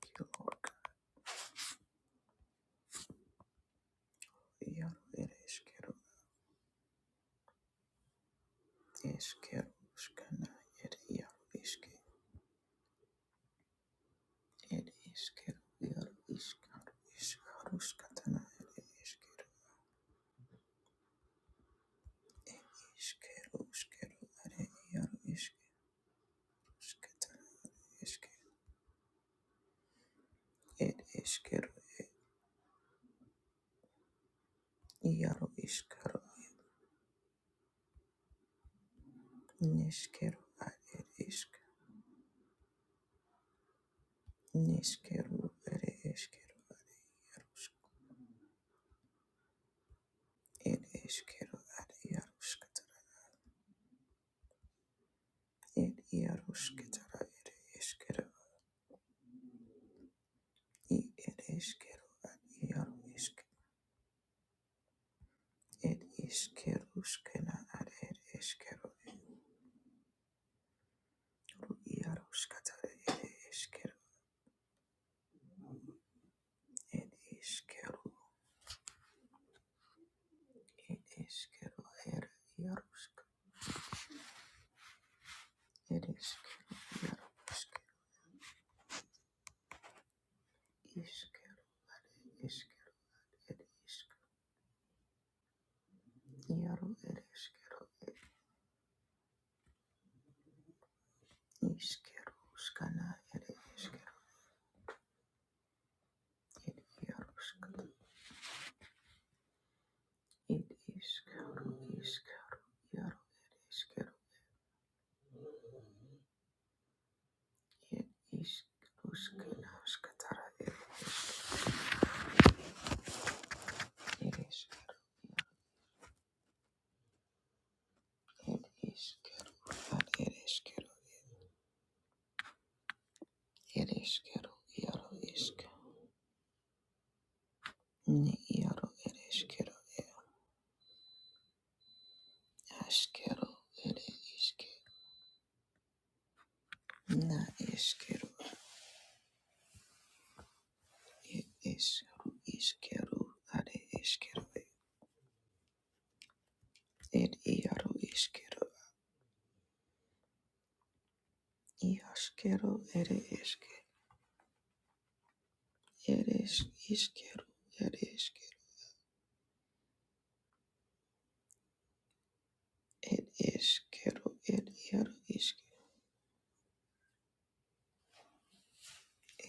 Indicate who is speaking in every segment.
Speaker 1: Kilo yaru ere eskero eskero skana ere yaru eske ere eskero yaru iskaru iskaru skatana ere eskero eskero eskero ere yaru eskero skatana eske ere eskero yaru iskaru neskero ere esk neskero ere eskero yaru isk, ere eskero ere yaru skatana ere yaru skatana ere eskero ir eškero, ad iaro ešk, ed eškeruškena, ad ed eškero, iaruškatara, ed eškero, ed eškeru, ed eškero, er iarušk, ed eškero, iarušk, eškero, ad eškero, ed ešk, iaru, ed eškero, ed eškeruškana, ed eškero, ed iaruškata, ed eškero, eškero, iaru, ed eskero It is Ushkanashkatara, it is, it is Keru, that it is Keru, it is Keru, Yaro is Ni Yaro, it is Keru, Ashkeru, it is Keru, Na is Keru, it is Ru is Keru, that it is Keru, it Yaro is Keru, Yashkeru, it is Keru, it is is Keru, it is Keru, it is Keru, it Yaro is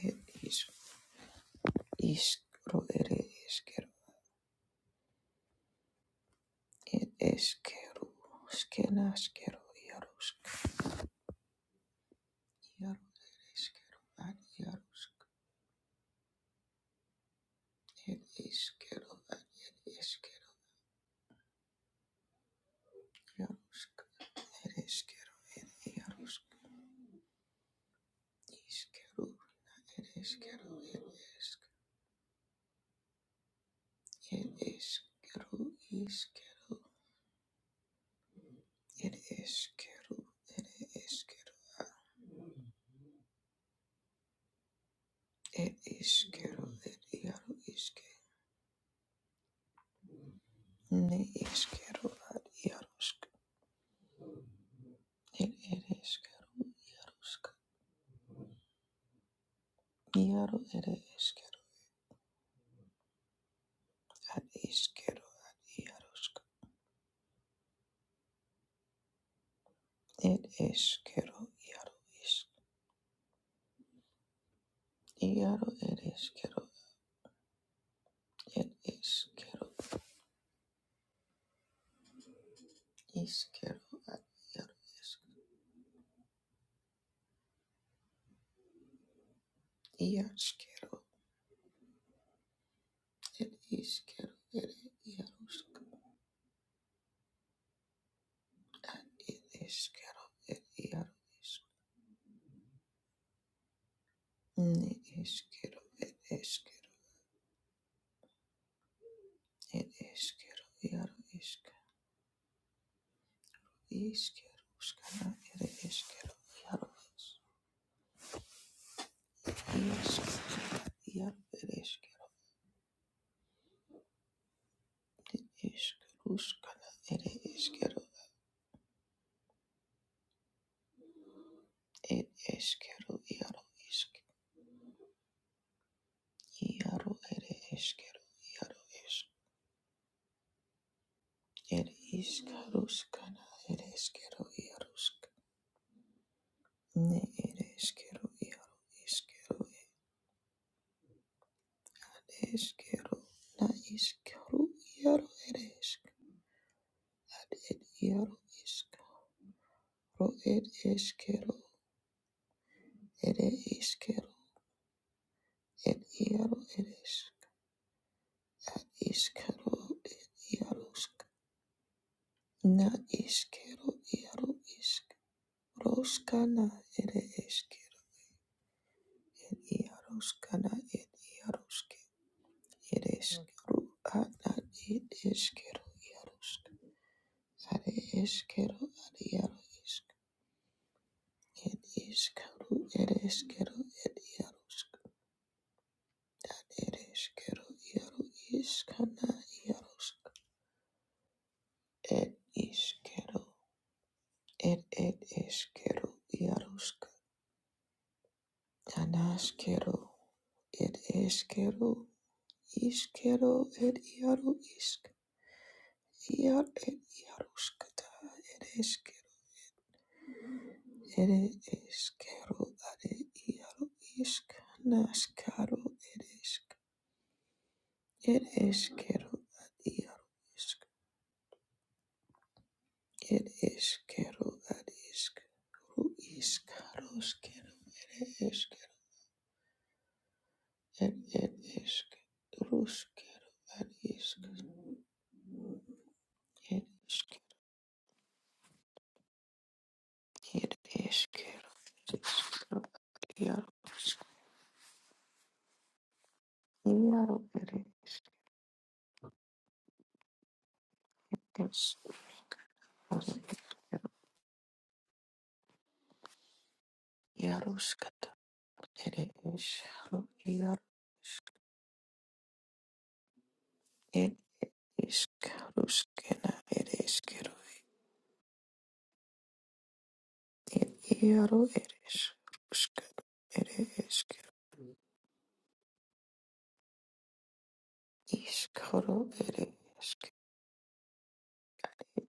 Speaker 1: Keru. Iskro ere eskero ed eskero skena skero yarusk yaru ere eskero ad yarusk ed eskero ad ed eskero yarusk ed eskero ed yarusk iskero ed eskero ed esk ed eskero iskero ed eskero ed eskero ed eskero ed yaru iske ne eskero ad yarusk El eresquero, iarusca, iaro, ere esquero, ad isquero, ad iarusca, el esquero, iaro, is, iaro, eresquero, el esquero, isquero, ad iaro, is, iasquero, el isquero, ere iarusca, el esquero, el iaro, is, ne esquero, el esquero, el esquero, iaro, isca, isquerusca, ere esquero, iaro, is. Isk iar ir eskero ir isk ruskana ir eskero ir eskero iaro isk iaro ir eskero iaro isk ir isk ruskana ir eskero iaro ne ir eskero iaro iskero ir eskero na iskero iaro ir isk ad ir iaro isk ro ir eskero ir eskero ir iaro ir isk Iskero iarosk na iskero iaro isk roskana ere eskero ed iaroskana ed iarosk ed eskero ana ed eskero iarosk are eskero ad iaro isk ed iskero ere eskero ed iarosk ere eskero iaro iskana iarosk ed iskero ed ed eskero iarosk Kanaskero ed eskero iskero ed iaru isk iar ed iaruskata ed eskero ed eskero ade iaru isk naskaro ed esk ed eskero ad iaru isk ed eskero ad isk ru isk roskero ed eskero ed ed esk ruskero ad isk, et isk It is Kero, it is Kero, Yaros, Yaro, it is Yaruskata, it is Haro, Yaros, it is Karuskana, it is Kero, it Yaro, it is Ruskata, it is Kero, is Karo, it is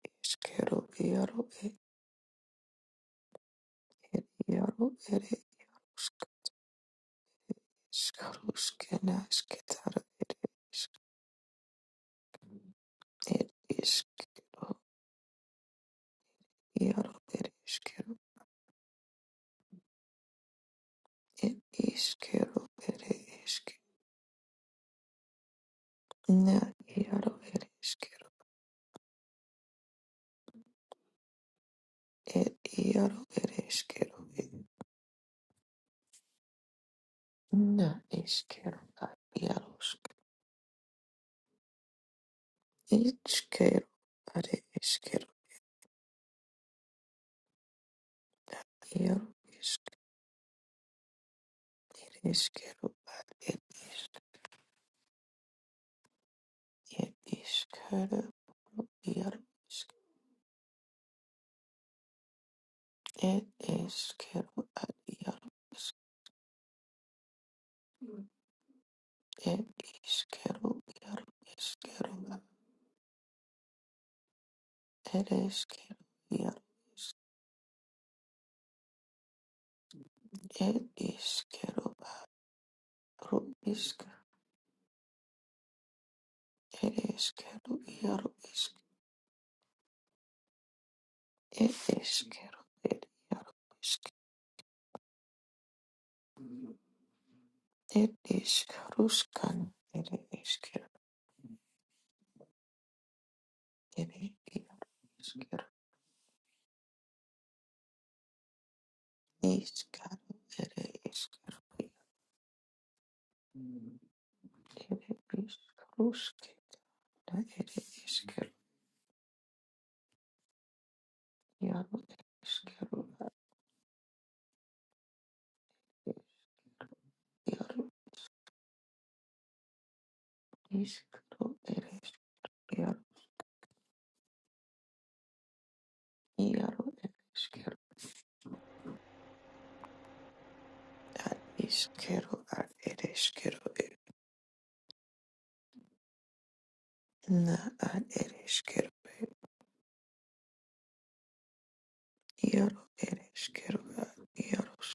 Speaker 1: Kero, Yaro, it is Yaro, it is Karuskana, Skitara, it is, it is Kero. Iaro ere eskero, ed iskero ere eske. Na iaro ere eskero, ed iaro ere eskero. ed Na eskero, a iaro sk. Itskero, are eskero, iaro isk. Ere eskero, a ed isk. Ed iskero, iaro isk. Ed eskero, a iaro isk. Ed iskero, iaro eskero, ereshkigal, ereshkigal, yaroishk, ereshkigal, yaroishk, ereshkigal, yaroishk, ereshkarushkan, ereshkigal, ereshkigal, ishkal, ereshkigal, ereshkarushk, ereshkigal, yaro, ereshkigal, yaro, ishkal, ereshkigal, yaro, Ad iskero, ad ereskero, na ad ereskero, iaro ereskero, ad iaros,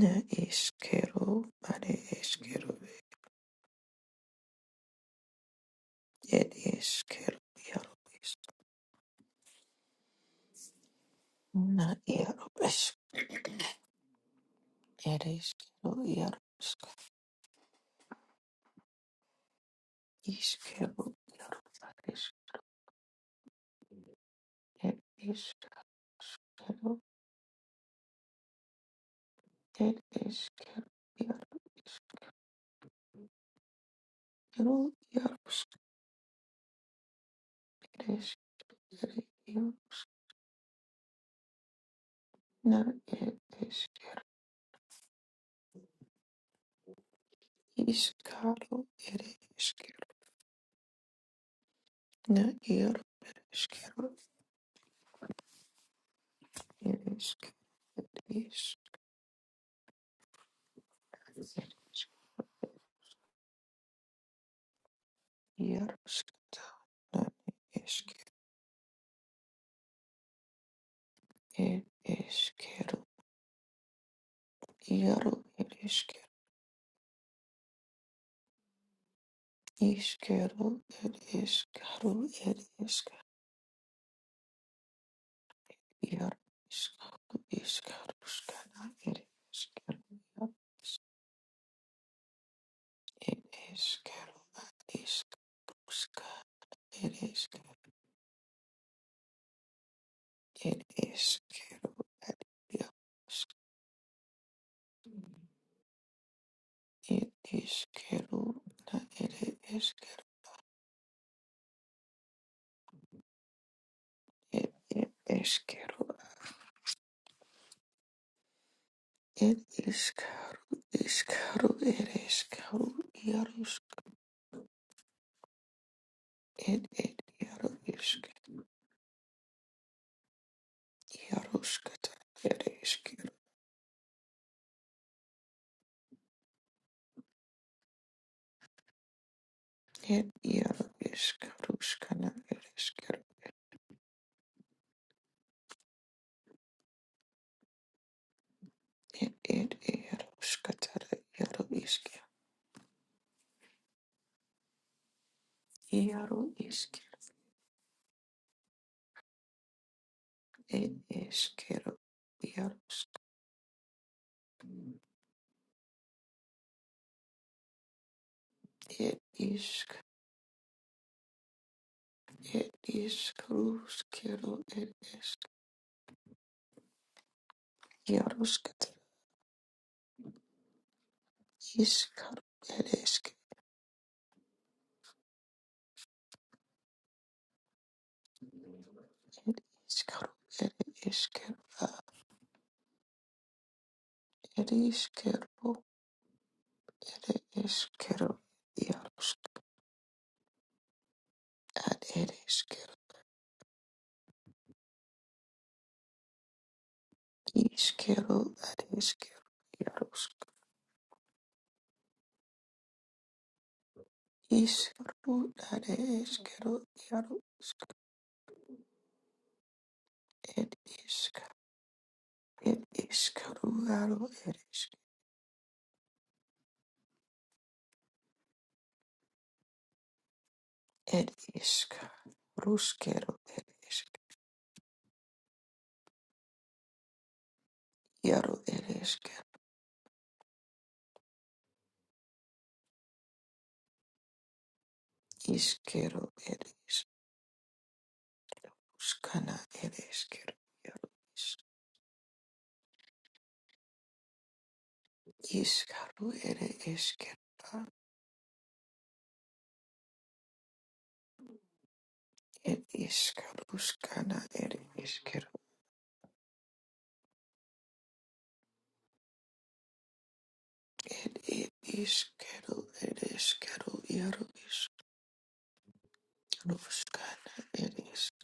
Speaker 1: na iskero, ad ereskero, ed iskero, iaro isk, na iaro isk, ereskero, iaro isk, iskero, iaro ad isk, ed iskero, iskero, ed iskero, iaro iskero, iaro isk, ereskero, iaro, na ed isk. Ishkaro ere ishkero na ir ishkero ere ishkero ish ir ishkero na ishkero ere ishkero iaro ere ishkero ishkero ere ishkaro ere ishkero iaro ishkaro ishkaro ishkana ere ishkero iaro ere ishkero na ishkero ishkero It is quero at it it is quero na it is quero it it is quero it is caro is caro it is caro iaros it it iaro is iaros kata it is quero it iaro is caro skana it is quero it it iaros kata iaro is quero iaro is quero it is quero iaros it is It is Carlos Quero, it is Yaros Catar, is Caro, it is it is Caro, it is Quero, it is Quero, it is Quero, Yaros, at it is Quero, is Quero, at is Quero, Yaros, is Caro, at is Quero, Yaros, it is Caro, it is Caro, Yaro, it is, it is Caro, Rusquero, it is Yaro, it is Quero. Iskero ere iskana ere iskero ere iskaru ere iskero ere iskaruskana ere iskero ere iskero ere iskero ere iskaruskana ere iskero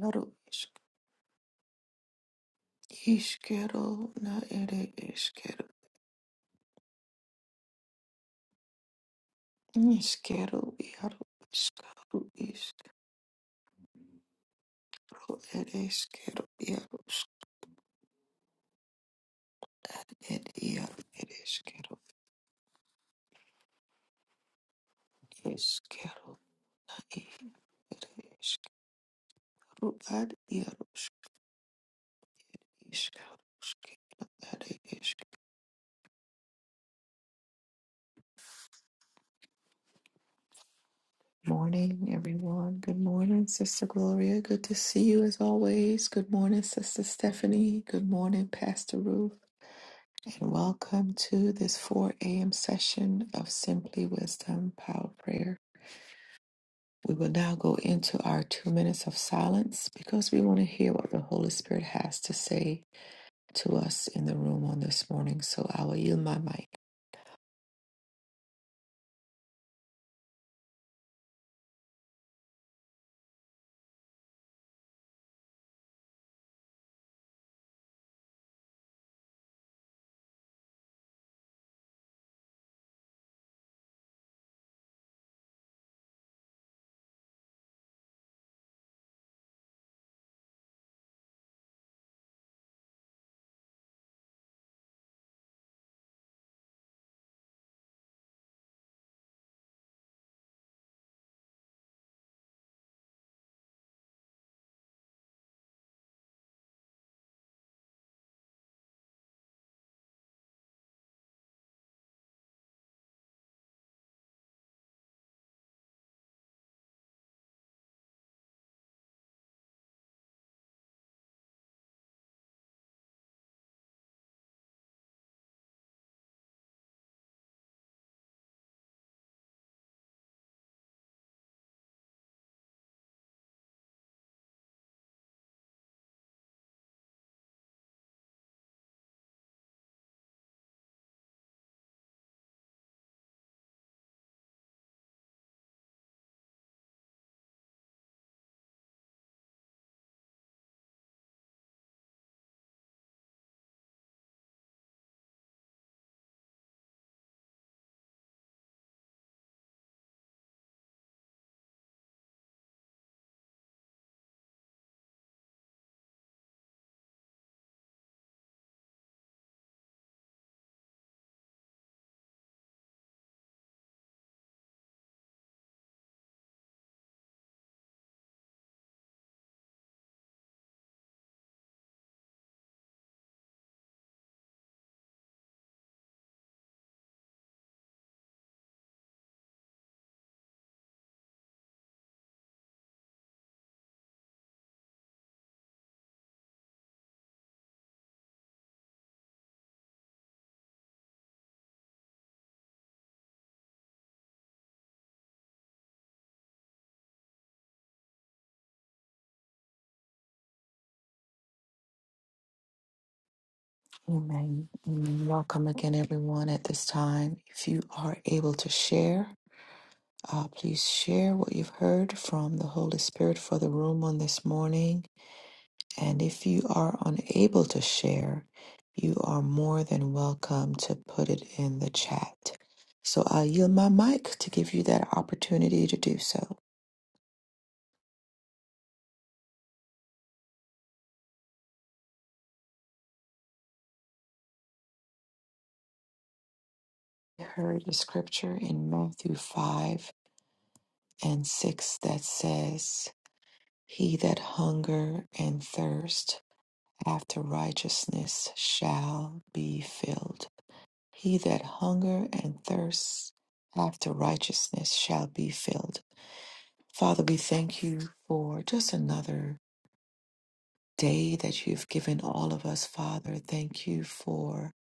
Speaker 1: ere iskero na ere iskero iskero ere iskaru iskero ere iskero ere iskero ere iskero Išskyrų ir išskyrų ar ieruš išskyrų Morning, everyone. Good morning, Sister Gloria. Good to see you as always. Good morning, Sister Stephanie. Good morning, Pastor Ruth. And welcome to this 4 a.m. session of Simply Wisdom Power Prayer. We will now go into our two minutes of silence because we want to hear what the Holy Spirit has to say to us in the room on this morning. So I will yield my mic. Amen. Amen. Welcome again, everyone, at this time. If you are able to share, uh, please share what you've heard from the Holy Spirit for the room on this morning. And if you are unable to share, you are more than welcome to put it in the chat. So I yield my mic to give you that opportunity to do so. I heard the scripture in Matthew 5 and 6 that says, He that hunger and thirst after righteousness shall be filled. He that hunger and thirsts after righteousness shall be filled. Father, we thank you for just another day that you've given all of us, Father. Thank you for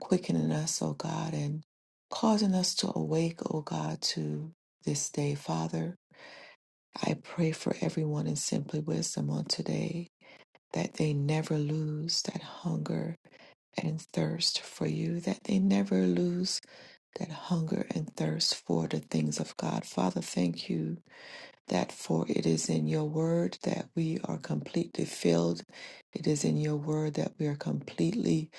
Speaker 1: quickening us, O God, and causing us to awake, O God, to this day, Father. I pray for everyone in Simply Wisdom on today that they never lose that hunger and thirst for you, that they never lose that hunger and thirst for the things of God. Father, thank you that for it is in your word that we are completely filled. It is in your word that we are completely,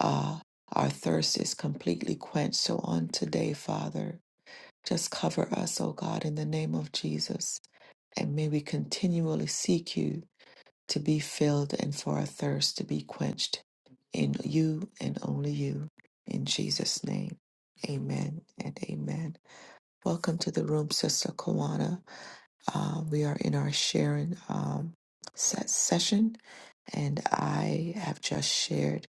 Speaker 1: uh, our thirst is completely quenched. So on today, Father, just cover us, O God, in the name of Jesus. And may we continually seek you to be filled and for our thirst to be quenched in you and only you. In Jesus' name, amen and amen. Welcome to the room, Sister Kawana. Uh, we are in our sharing um, set session, and I have just shared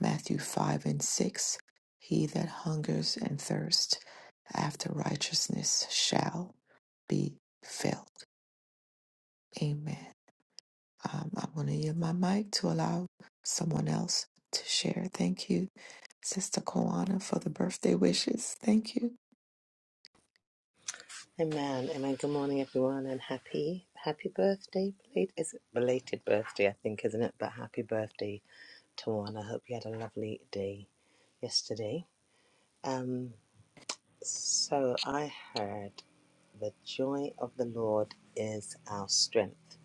Speaker 1: Matthew 5 and 6. He that hungers and thirsts after righteousness shall be filled. Amen. Um, I'm going to yield my mic to allow someone else to share. Thank you, Sister Koana, for the birthday wishes. Thank you.
Speaker 2: Amen. Amen. Good morning, everyone, and happy happy birthday. Belated, is it belated birthday? I think, isn't it? But happy birthday, Tawana. I hope you had a lovely day yesterday. Um, so I heard the joy of the Lord is our strength,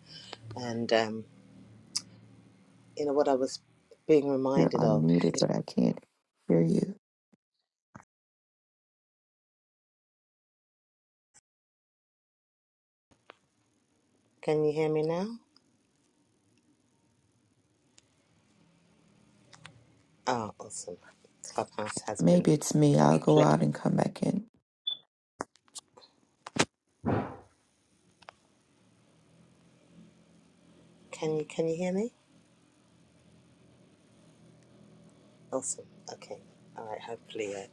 Speaker 2: and um, you know what I was being
Speaker 1: You're
Speaker 2: reminded of.
Speaker 1: unmuted,
Speaker 2: Is,
Speaker 1: but I can't hear you.
Speaker 2: can you hear me now? Oh, awesome! Clubhouse has been
Speaker 1: Maybe it's me. I'll go out
Speaker 2: playing.
Speaker 1: and come back in.
Speaker 2: Can you can you hear me? Awesome. Okay. All right. Hopefully, uh,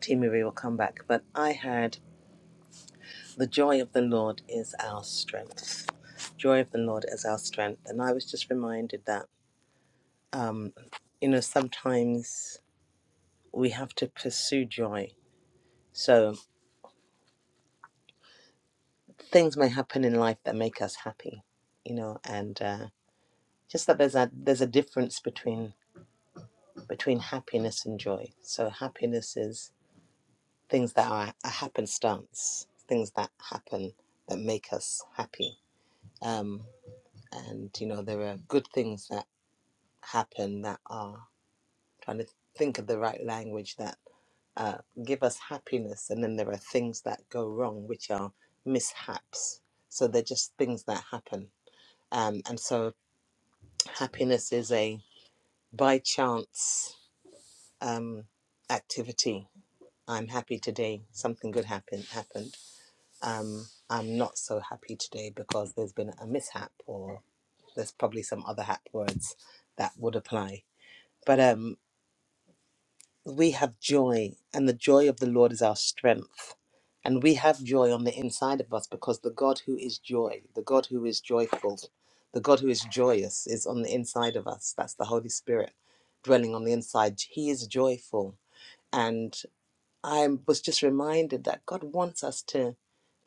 Speaker 2: Team Marie will come back. But I had the joy of the Lord is our strength. Joy of the Lord is our strength. And I was just reminded that, um, you know, sometimes we have to pursue joy. So things may happen in life that make us happy, you know, and uh, just that there's a there's a difference between between happiness and joy. So happiness is things that are a happenstance, things that happen that make us happy. Um, and you know, there are good things that happen that are I'm trying to think of the right language that uh, give us happiness, and then there are things that go wrong, which are mishaps. So they're just things that happen. Um, and so happiness is a by chance um, activity. I'm happy today. Something good happened. Happened um, I'm not so happy today because there's been a mishap or there's probably some other hap words that would apply. But um, we have joy, and the joy of the Lord is our strength. And we have joy on the inside of us because the God who is joy, the God who is joyful, the God who is joyous is on the inside of us. That's the Holy Spirit dwelling on the inside. He is joyful. and. I was just reminded that God wants us to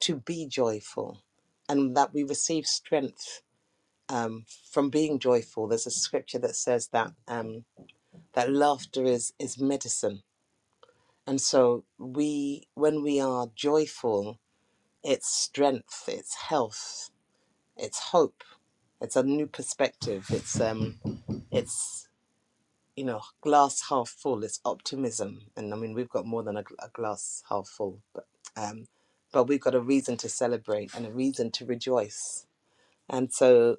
Speaker 2: to be joyful, and that we receive strength um, from being joyful. There's a scripture that says that um, that laughter is is medicine, and so we when we are joyful, it's strength, it's health, it's hope, it's a new perspective, it's um, it's you know, glass half full. It's optimism, and I mean we've got more than a, a glass half full, but um, but we've got a reason to celebrate and a reason to rejoice. And so,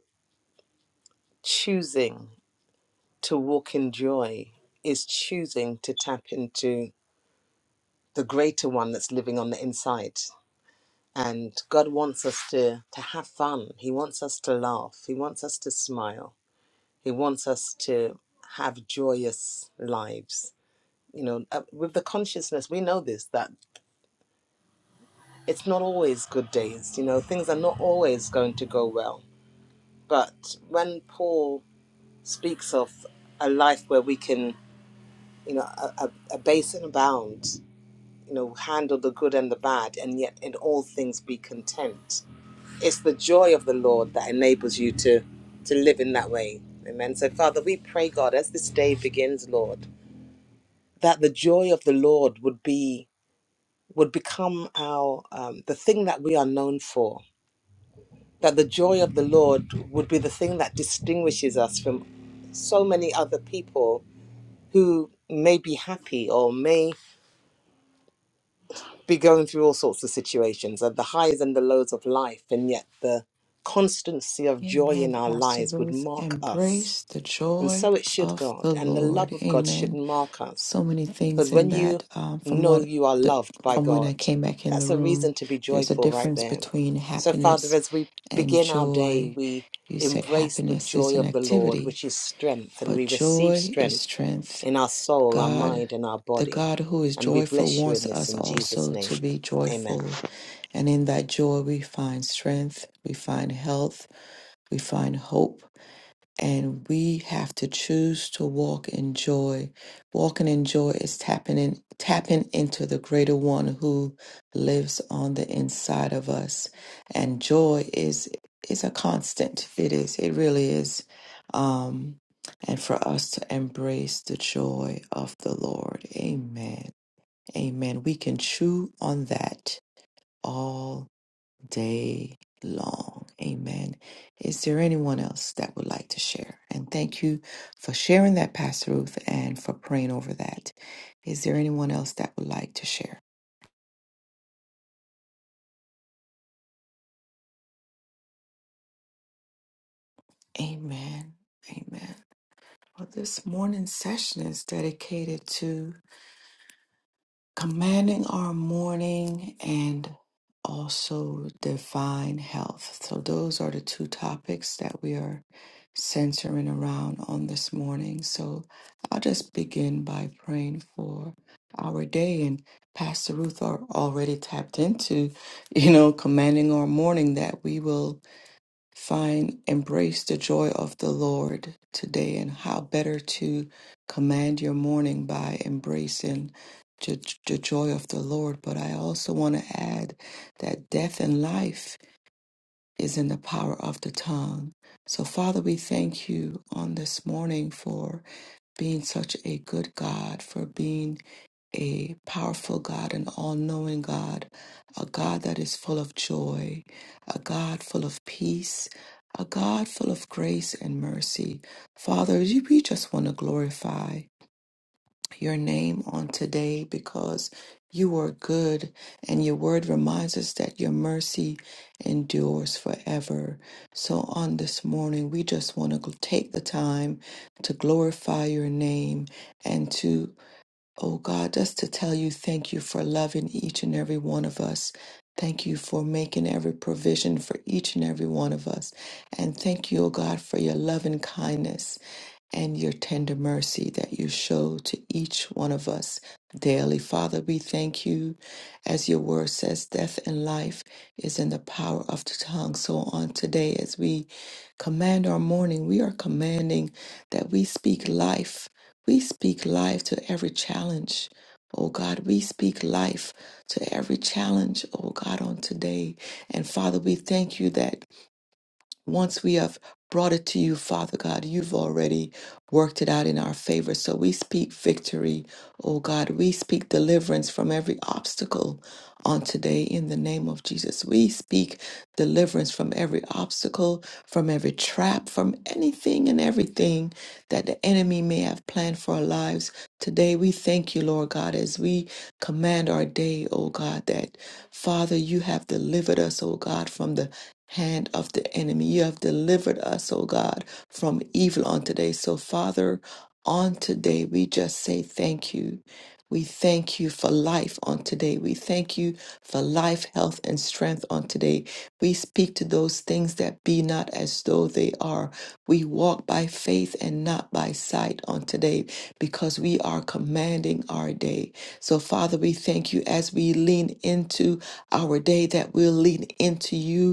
Speaker 2: choosing to walk in joy is choosing to tap into the greater one that's living on the inside. And God wants us to to have fun. He wants us to laugh. He wants us to smile. He wants us to have joyous lives you know uh, with the consciousness we know this that it's not always good days you know things are not always going to go well but when paul speaks of a life where we can you know a, a, a base and abound you know handle the good and the bad and yet in all things be content it's the joy of the lord that enables you to to live in that way amen so father we pray god as this day begins lord that the joy of the lord would be would become our um, the thing that we are known for that the joy of the lord would be the thing that distinguishes us from so many other people who may be happy or may be going through all sorts of situations and the highs and the lows of life and yet the constancy of joy in
Speaker 1: Amen,
Speaker 2: our
Speaker 1: Pastor
Speaker 2: lives would
Speaker 1: Ruth.
Speaker 2: mark us
Speaker 1: Embrace the
Speaker 2: and
Speaker 1: joy
Speaker 2: so it should
Speaker 1: of
Speaker 2: god
Speaker 1: the
Speaker 2: and the love
Speaker 1: Lord.
Speaker 2: of god should
Speaker 1: Amen.
Speaker 2: mark us
Speaker 1: So many
Speaker 2: Because
Speaker 1: things in
Speaker 2: when
Speaker 1: that.
Speaker 2: you
Speaker 1: Um, from
Speaker 2: know
Speaker 1: what
Speaker 2: you are
Speaker 1: the
Speaker 2: loved by
Speaker 1: from when I
Speaker 2: God,
Speaker 1: came back in the
Speaker 2: that's a reason
Speaker 1: room,
Speaker 2: to be
Speaker 1: there's a
Speaker 2: joyful right
Speaker 1: difference
Speaker 2: there.
Speaker 1: between
Speaker 2: So, Father,
Speaker 1: happiness
Speaker 2: as we
Speaker 1: and
Speaker 2: begin our day,
Speaker 1: joy.
Speaker 2: we
Speaker 1: You said
Speaker 2: embrace the
Speaker 1: happiness is
Speaker 2: joy
Speaker 1: an
Speaker 2: of the Lord,
Speaker 1: activity,
Speaker 2: which is strength, and
Speaker 1: but
Speaker 2: we receive
Speaker 1: joy is
Speaker 2: strength
Speaker 1: strength.
Speaker 2: in our soul, our
Speaker 1: God,
Speaker 2: mind, and our
Speaker 1: the
Speaker 2: body.
Speaker 1: God who is
Speaker 2: And we
Speaker 1: joyful,
Speaker 2: bless you in
Speaker 1: wants
Speaker 2: this
Speaker 1: us
Speaker 2: in Jesus'
Speaker 1: also
Speaker 2: name.
Speaker 1: to be
Speaker 2: Amen.
Speaker 1: joyful. And in that joy, we find strength, we find health, we find hope and we have to choose to walk in joy. Walking in joy is tapping in, tapping into the greater one who lives on the inside of us. And joy is is a constant. It is. It really is. Um, and for us to embrace the joy of the Lord. Amen. Amen. We can chew on that all day long. Amen. Is there anyone else that would like to share? And thank you for sharing that, Pastor Ruth, and for praying over that. Is there anyone else that would like to share? Amen. Amen. Well, this morning's session is dedicated to commanding our morning and also divine health. So, those are the two topics that we are centering around on this morning. So, I'll just begin by praying for our day. And Pastor Ruth are already tapped into, you know, commanding our morning that we will. Fine, embrace the joy of the Lord today, and how better to command your morning by embracing j- the joy of the Lord. But I also want to add that death and life is in the power of the tongue. So, Father, we thank you on this morning for being such a good God, for being a powerful God, an all knowing God, a God that is full of joy, a God full of peace, a God full of grace and mercy. Father, you- we just want to glorify your name on today because you are good and your word reminds us that your mercy endures forever. So on this morning, we just want to take the time to glorify your name and to Oh God, just to tell you thank you for loving each and every one of us. Thank you for making every provision for each and every one of us. And thank you, oh God, for your loving kindness and your tender mercy that you show to each one of us daily. Father, we thank you. As your word says, death and life is in the power of the tongue. So on today, as we command our morning, we are commanding that we speak life. We speak life to every challenge, oh God. We speak life to every challenge, oh God, on today. And Father, we thank you that. Once we have brought it to you, Father God, you've already worked it out in our favor. So we speak victory, oh God. We speak deliverance from every obstacle on today in the name of Jesus. We speak deliverance from every obstacle, from every trap, from anything and everything that the enemy may have planned for our lives. Today we thank you, Lord God, as we command our day, oh God, that Father, you have delivered us, oh God, from the hand of the enemy. You have delivered us, O God, from evil on today. So, Father, on today, we just say thank you. We thank you for life on today. We thank you for life, health, and strength on today. We speak to those things that be not as though they are. We walk by faith and not by sight on today because we are commanding our day. So, Father, we thank you as we lean into our day that we'll lean into you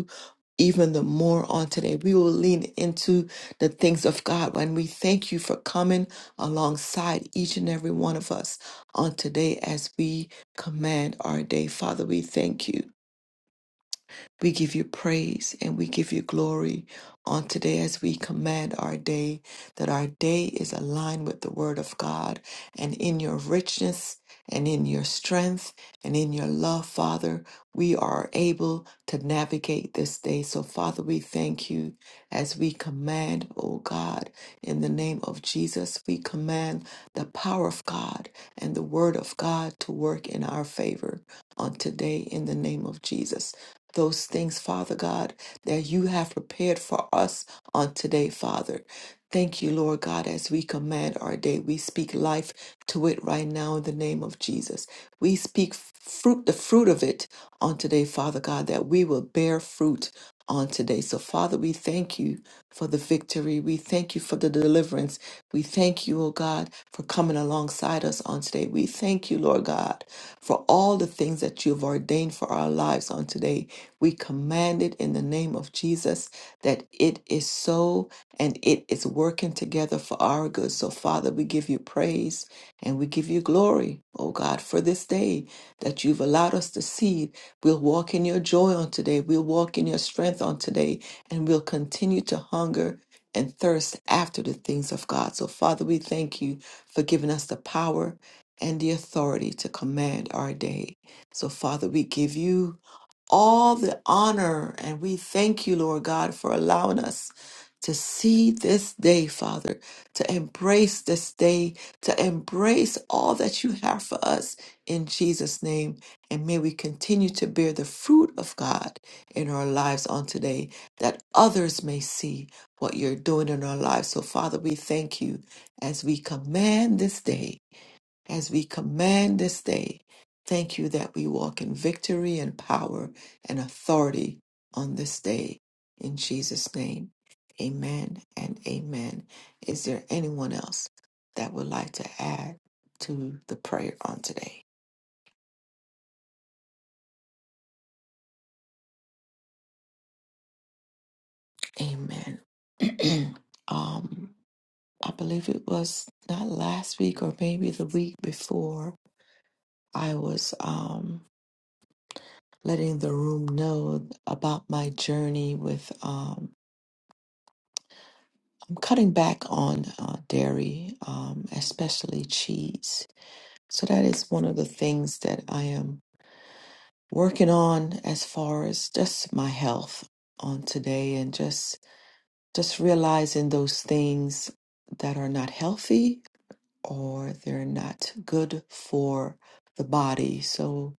Speaker 1: even the more on today. We will lean into the things of God and we thank you for coming alongside each and every one of us on today as we command our day. Father, we thank you. We give you praise and we give you glory on today as we command our day, that our day is aligned with the Word of God. And in your richness and in your strength and in your love, Father, we are able to navigate this day. So, Father, we thank you as we command, oh God, in the name of Jesus, we command the power of God and the Word of God to work in our favor on today in the name of Jesus those things, Father God, that you have prepared for us on today, Father. Thank you, Lord God, as we command our day. We speak life to it right now in the name of Jesus. We speak fruit, the fruit of it on today, Father God, that we will bear fruit on today today. So, Father, we thank you for the victory. We thank you for the deliverance. We thank you, oh God, for coming alongside us on today. We thank you, Lord God, for all the things that you have ordained for our lives on today. We command it in the name of Jesus that it is so and it is working together for our good. So, Father, we give you praise and we give you glory, oh God, for this day that you've allowed us to see We'll walk in your joy on today. We'll walk in your strength on today. And we'll continue to hunger and thirst after the things of God. So, Father, we thank you for giving us the power and the authority to command our day. So, Father, we give you all the honor. And we thank you, Lord God, for allowing us to see this day, Father, to embrace this day, to embrace all that you have for us in Jesus' name. And may we continue to bear the fruit of God in our lives on today that others may see what you're doing in our lives. So, Father, we thank you as we command this day, as we command this day. Thank you that we walk in victory and power and authority on this day. In Jesus' name, amen and amen. Is there anyone else that would like to add to the prayer on today? Amen. um, I believe it was not last week or maybe the week before. I was um letting the room know about my journey with um I'm cutting back on uh, dairy, um, especially cheese. So that is one of the things that I am working on as far as just my health on today and just just realizing those things that are not healthy or they're not good for the body. So,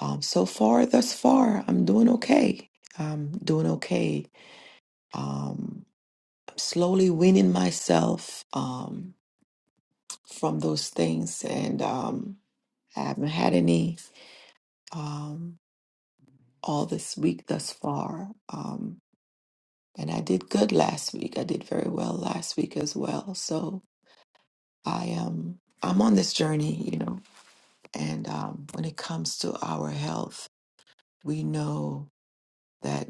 Speaker 1: um, so far, thus far, I'm doing okay. I'm doing okay. Um, I'm slowly weaning myself um, from those things, and um, I haven't had any um, all this week thus far. Um, and I did good last week. I did very well last week as well. So I am. I'm on this journey, you know, and um, when it comes to our health, we know that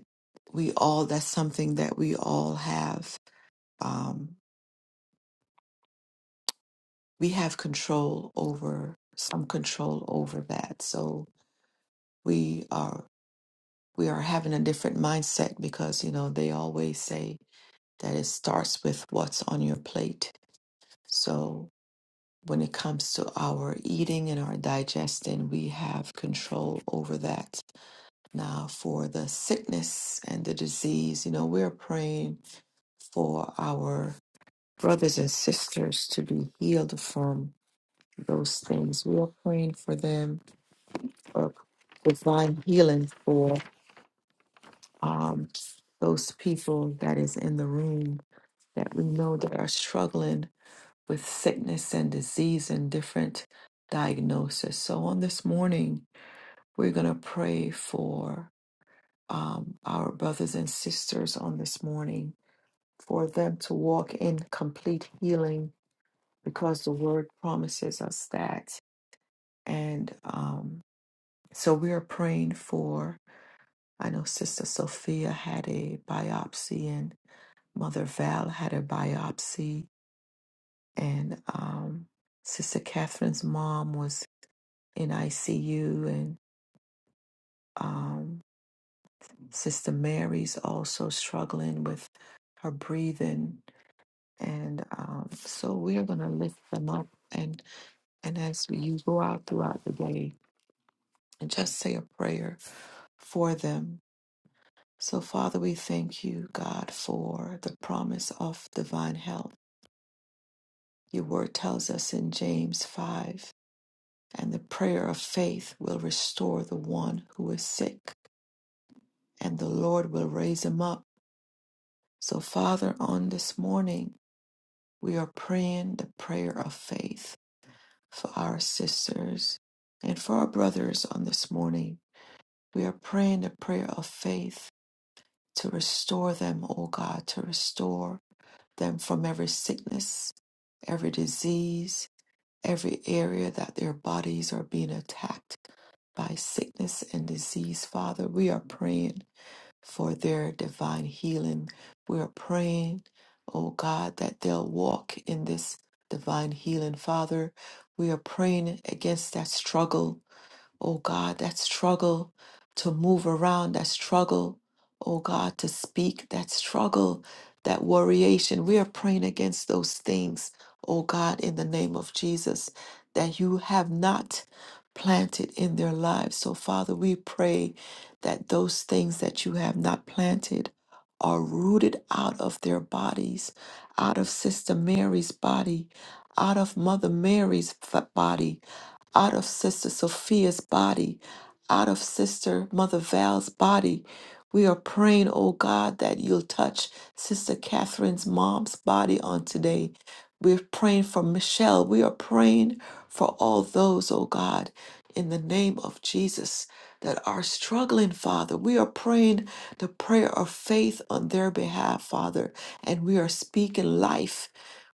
Speaker 1: we all that's something that we all have um, we have control over some control over that so we are we are having a different mindset because you know they always say that it starts with what's on your plate so when it comes to our eating and our digesting we have control over that now for the sickness and the disease you know we're praying for our brothers and sisters to be healed from those things. We are praying for them for divine healing for um, those people that is in the room that we know that are struggling with sickness and disease and different diagnoses. So on this morning, we're going to pray for um, our brothers and sisters on this morning for them to walk in complete healing because the word promises us that. And um, so we are praying for, I know Sister Sophia had a biopsy and Mother Val had a biopsy and um, Sister Catherine's mom was in ICU and um, Sister Mary's also struggling with her breathing. And um, so we are going to lift them up. And, and as you go out throughout the day, and just say a prayer for them So, Father, we thank you, God, for the promise of divine health. Your word tells us in James 5 and the prayer of faith will restore the one who is sick, and the Lord will raise him up. So, Father, on this morning, we are praying the prayer of faith for our sisters and for our brothers on this morning. We are praying the prayer of faith to restore them, O God, to restore. them from every sickness, every disease, every area that their bodies are being attacked by sickness and disease. Father, we are praying for their divine healing. We are praying, oh God, that they'll walk in this divine healing. Father, we are praying against that struggle oh God, that struggle to move around, that struggle, oh God, to speak, that struggle, that worriation. We are praying against those things, oh God, in the name of Jesus, that you have not planted in their lives. So, Father, we pray that those things that you have not planted are rooted out of their bodies, out of Sister Mary's body, out of Mother Mary's f- body, out of Sister Sophia's body, out of Sister Mother Val's body. We are praying, oh God, that you'll touch Sister Catherine's mom's body on today. We're praying for Michelle. We are praying for all those, oh God, in the name of Jesus that are struggling, Father. We are praying the prayer of faith on their behalf, Father, and we are speaking life.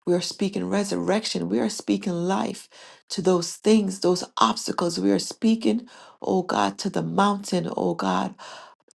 Speaker 1: We are speaking resurrection. We are speaking life to those things, those obstacles. We are speaking, oh God, to the mountain, oh God,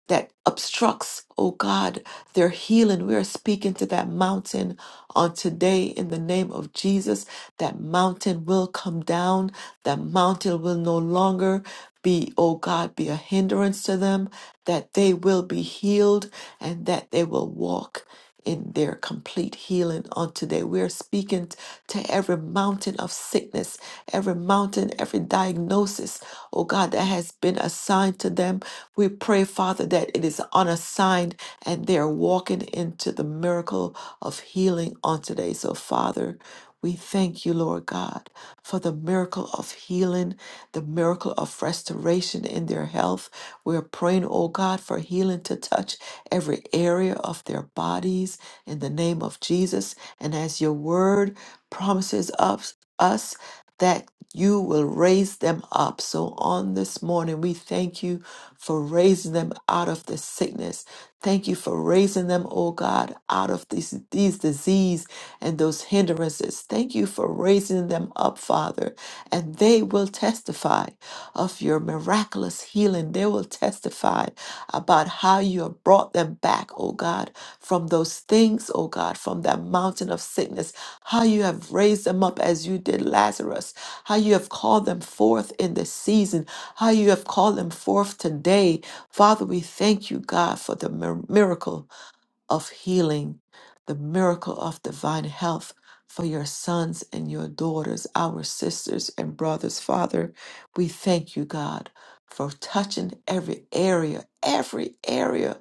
Speaker 1: that obstructs, oh God, their healing. We are speaking to that mountain on today in the name of Jesus. That mountain will come down. That mountain will no longer be, oh God, be a hindrance to them, that they will be healed and that they will walk in their complete healing on today. We are speaking to every mountain of sickness, every mountain, every diagnosis, oh God, that has been assigned to them. We pray, Father, that it is unassigned and they are walking into the miracle of healing on today. So, Father, we thank you, Lord God for the miracle of healing, the miracle of restoration in their health. We're praying, oh God, for healing to touch every area of their bodies in the name of Jesus. And as your word promises us, us that you will raise them up. So on this morning, we thank you for raising them out of the sickness. Thank you for raising them, oh God, out of these, these disease and those hindrances. Thank you for raising them up, Father, and they will testify of of your miraculous healing. They will testify about how you have brought them back, oh God, from those things, oh God, from that mountain of sickness, how you have raised them up as you did Lazarus, how you have called them forth in this season, how you have called them forth today. Father, we thank you, God, for the mir- miracle of healing, the miracle of divine health for your sons and your daughters, our sisters and brothers. Father, we thank you, God, for touching every area, every area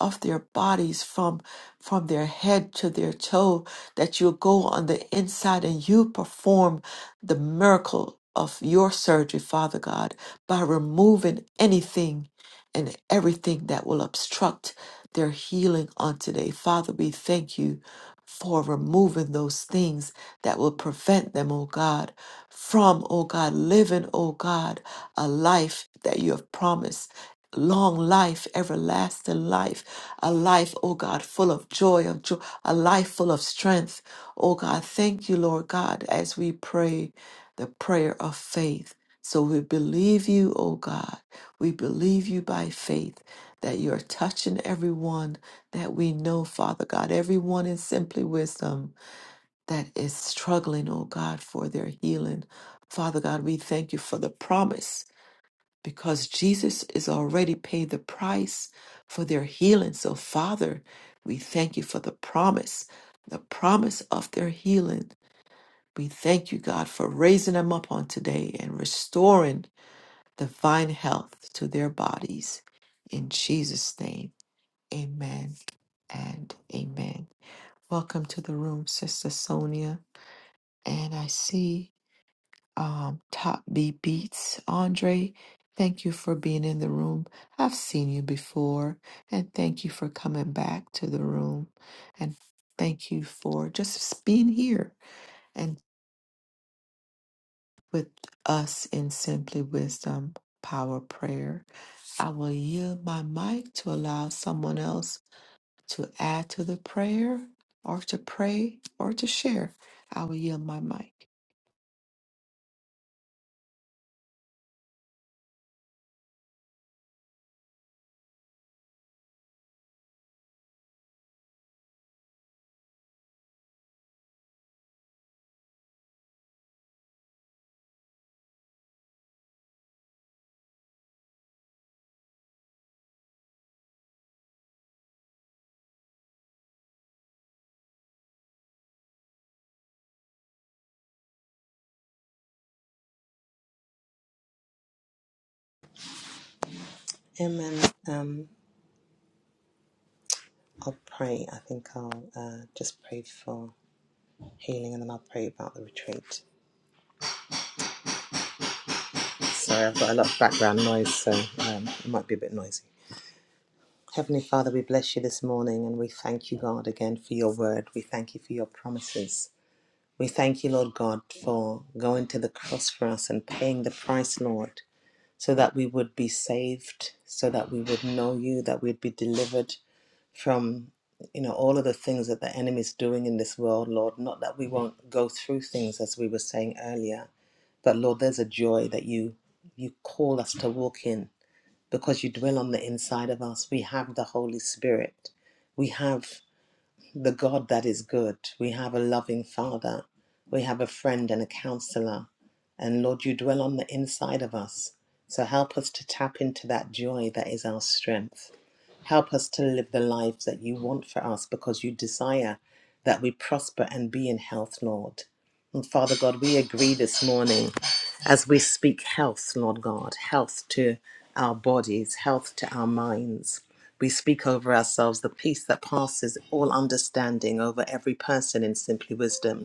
Speaker 1: of their bodies from from their head to their toe that you go on the inside and you perform the miracle of your surgery father god by removing anything and everything that will obstruct their healing on today. Father, we thank you for removing those things that will prevent them, oh God, from, oh God, living, oh God, a life that you have promised. Long life, everlasting life, a life, oh God, full of joy, of joy, a life full of strength. Oh God, thank you, Lord God, as we pray the prayer of faith. So we believe you, oh God. We believe you by faith that you're touching everyone that we know, Father God, everyone in Simply Wisdom that is struggling, oh God, for their healing. Father God, we thank you for the promise because Jesus has already paid the price for their healing. So, Father, we thank you for the promise, the promise of their healing. We thank you, God, for raising them up on today and restoring divine health to their bodies. In Jesus' name, amen and amen. Welcome to the room, Sister Sonia. And I see um, Top B Beats. Andre, thank you for being in the room. I've seen you before, and thank you for coming back to the room. And thank you for just being here and with us in Simply Wisdom Power Prayer. I will yield my mic to allow someone else to add to the prayer or to pray or to share. I will yield my mic.
Speaker 2: Amen. Um, I'll pray. I think I'll uh, just pray for healing and then I'll pray about the retreat. Sorry, I've got a lot of background noise, so um, it might be a bit noisy. Heavenly Father, we bless you this morning and we thank you, God, again for your word. We thank you for your promises. We thank you, Lord God, for going to the cross for us and paying the price, Lord, so that we would be saved, so that we would know you, that we'd be delivered from you know all of the things that the enemy is doing in this world, Lord. Not that we won't go through things as we were saying earlier, but Lord, there's a joy that you you call us to walk in because you dwell on the inside of us. We have the Holy Spirit. We have the God that is good. We have a loving Father. We have a friend and a counselor. And Lord, you dwell on the inside of us. So help us to tap into that joy that is our strength. Help us to live the life that you want for us because you desire that we prosper and be in health, Lord. And Father God, we agree this morning as we speak health, Lord God, health to our bodies, health to our minds. We speak over ourselves the peace that passes all understanding over every person in simply wisdom.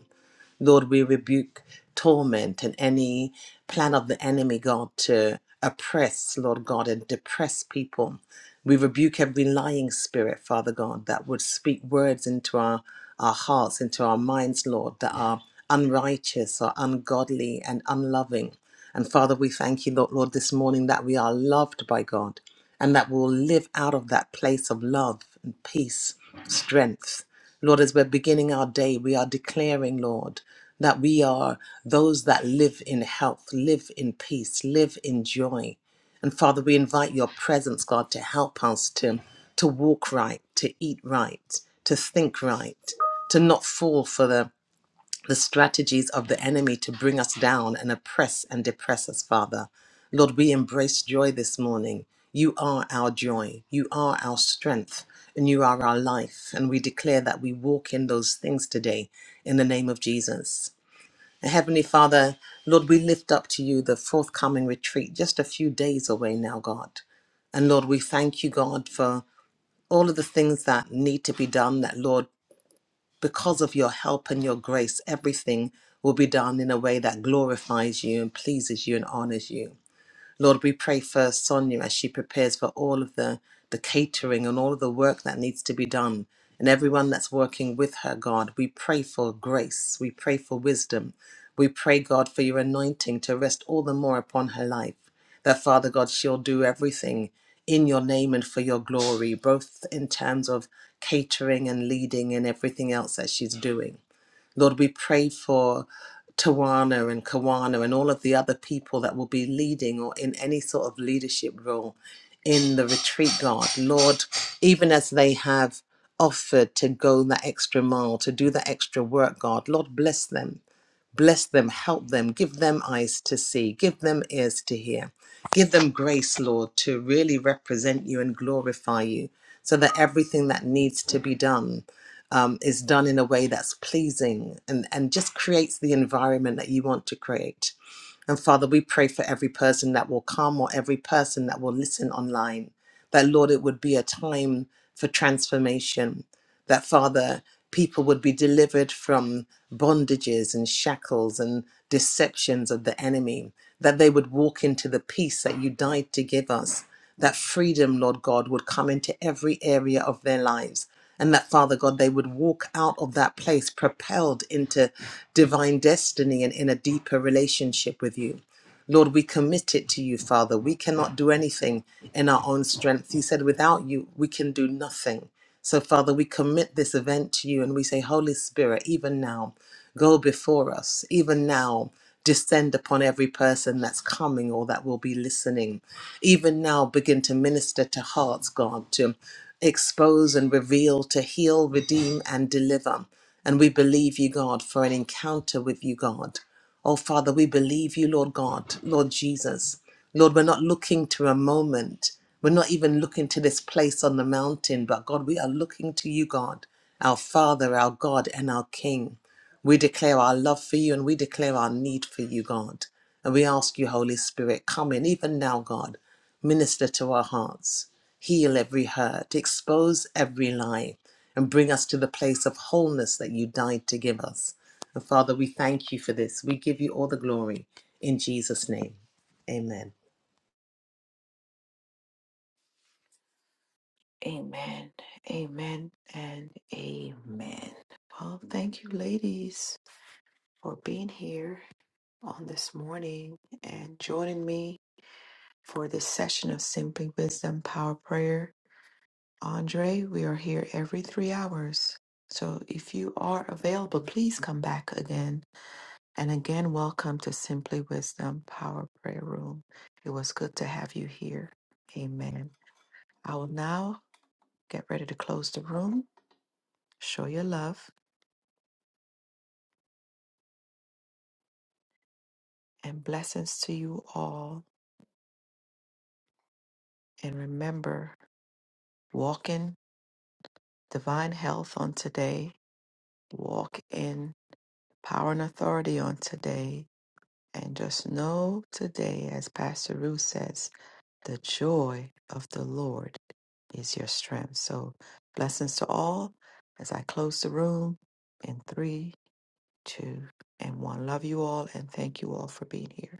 Speaker 2: Lord, we rebuke torment and any plan of the enemy, God, to oppress, Lord God, and depress people. We rebuke every lying spirit, Father God, that would speak words into our, our hearts, into our minds, Lord, that are unrighteous or ungodly and unloving. And Father, we thank you, Lord, Lord, this morning that we are loved by God and that we'll live out of that place of love and peace, strength. Lord, as we're beginning our day, we are declaring, Lord, that we are those that live in health, live in peace, live in joy. And Father, we invite your presence, God, to help us to, to walk right, to eat right, to think right, to not fall for the the strategies of the enemy to bring us down and oppress and depress us, Father. Lord, we embrace joy this morning. You are our joy, you are our strength, and you are our life. And we declare that we walk in those things today in the name of Jesus. Heavenly Father, Lord, we lift up to you the forthcoming retreat just a few days away now, God. And Lord, we thank you, God, for all of the things that need to be done. That, Lord, because of your help and your grace, everything will be done in a way that glorifies you and pleases you and honors you. Lord, we pray for Sonia as she prepares for all of the, the catering and all of the work that needs to be done. And everyone that's working with her, God, we pray for grace. We pray for wisdom. We pray, God, for your anointing to rest all the more upon her life. That, Father God, she'll do everything in your name and for your glory, both in terms of catering and leading and everything else that she's doing. Lord, we pray for Tawana and Kawana and all of the other people that will be leading or in any sort of leadership role in the retreat, God. Lord, even as they have offered to go that extra mile, to do that extra work, God, Lord, bless them. Bless them, help them, give them eyes to see, give them ears to hear. Give them grace, Lord, to really represent you and glorify you so that everything that needs to be done um, is done in a way that's pleasing and, and just creates the environment that you want to create. And Father, we pray for every person that will come or every person that will listen online, that Lord, it would be a time for transformation that Father, people would be delivered from bondages and shackles and deceptions of the enemy, that they would walk into the peace that you died to give us, that freedom, Lord God, would come into every area of their lives. And that, Father God, they would walk out of that place propelled into divine destiny and in a deeper relationship with you. Lord, we commit it to you, Father. We cannot do anything in our own strength. You said, without you, we can do nothing. So, Father, we commit this event to you and we say, Holy Spirit, even now, go before us, even now. Descend upon every person that's coming or that will be listening. Even now, begin to minister to hearts, God, to expose and reveal, to heal, redeem, and deliver. And we believe you, God, for an encounter with you, God. Oh, Father, we believe you, Lord God, Lord Jesus. Lord, we're not looking to a moment. We're not even looking to this place on the mountain, but God, we are looking to you, God, our Father, our God, and our King. We declare our love for you and we declare our need for you, God. And we ask you, Holy Spirit, come in, even now, God, minister to our hearts, heal every hurt, expose every lie, and bring us to the place of wholeness that you died to give us. And Father, we thank you for this. We give you all the glory in Jesus' name. Amen.
Speaker 1: Amen. Amen and amen. Well, thank you, ladies, for being here on this morning and joining me for this session of Simply Wisdom Power Prayer. Andre, we are here every three hours. So if you are available, please come back again And again, welcome to Simply Wisdom Power Prayer Room. It was good to have you here. Amen. I will now get ready to close the room, show your love and blessings to you all. And remember, walk in divine health on today, walk in power and authority on today. And just know today, as Pastor Ruth says, The joy of the Lord is your strength. So, blessings to all as I close the room in three, two, and one. Love you all and thank you all for being here.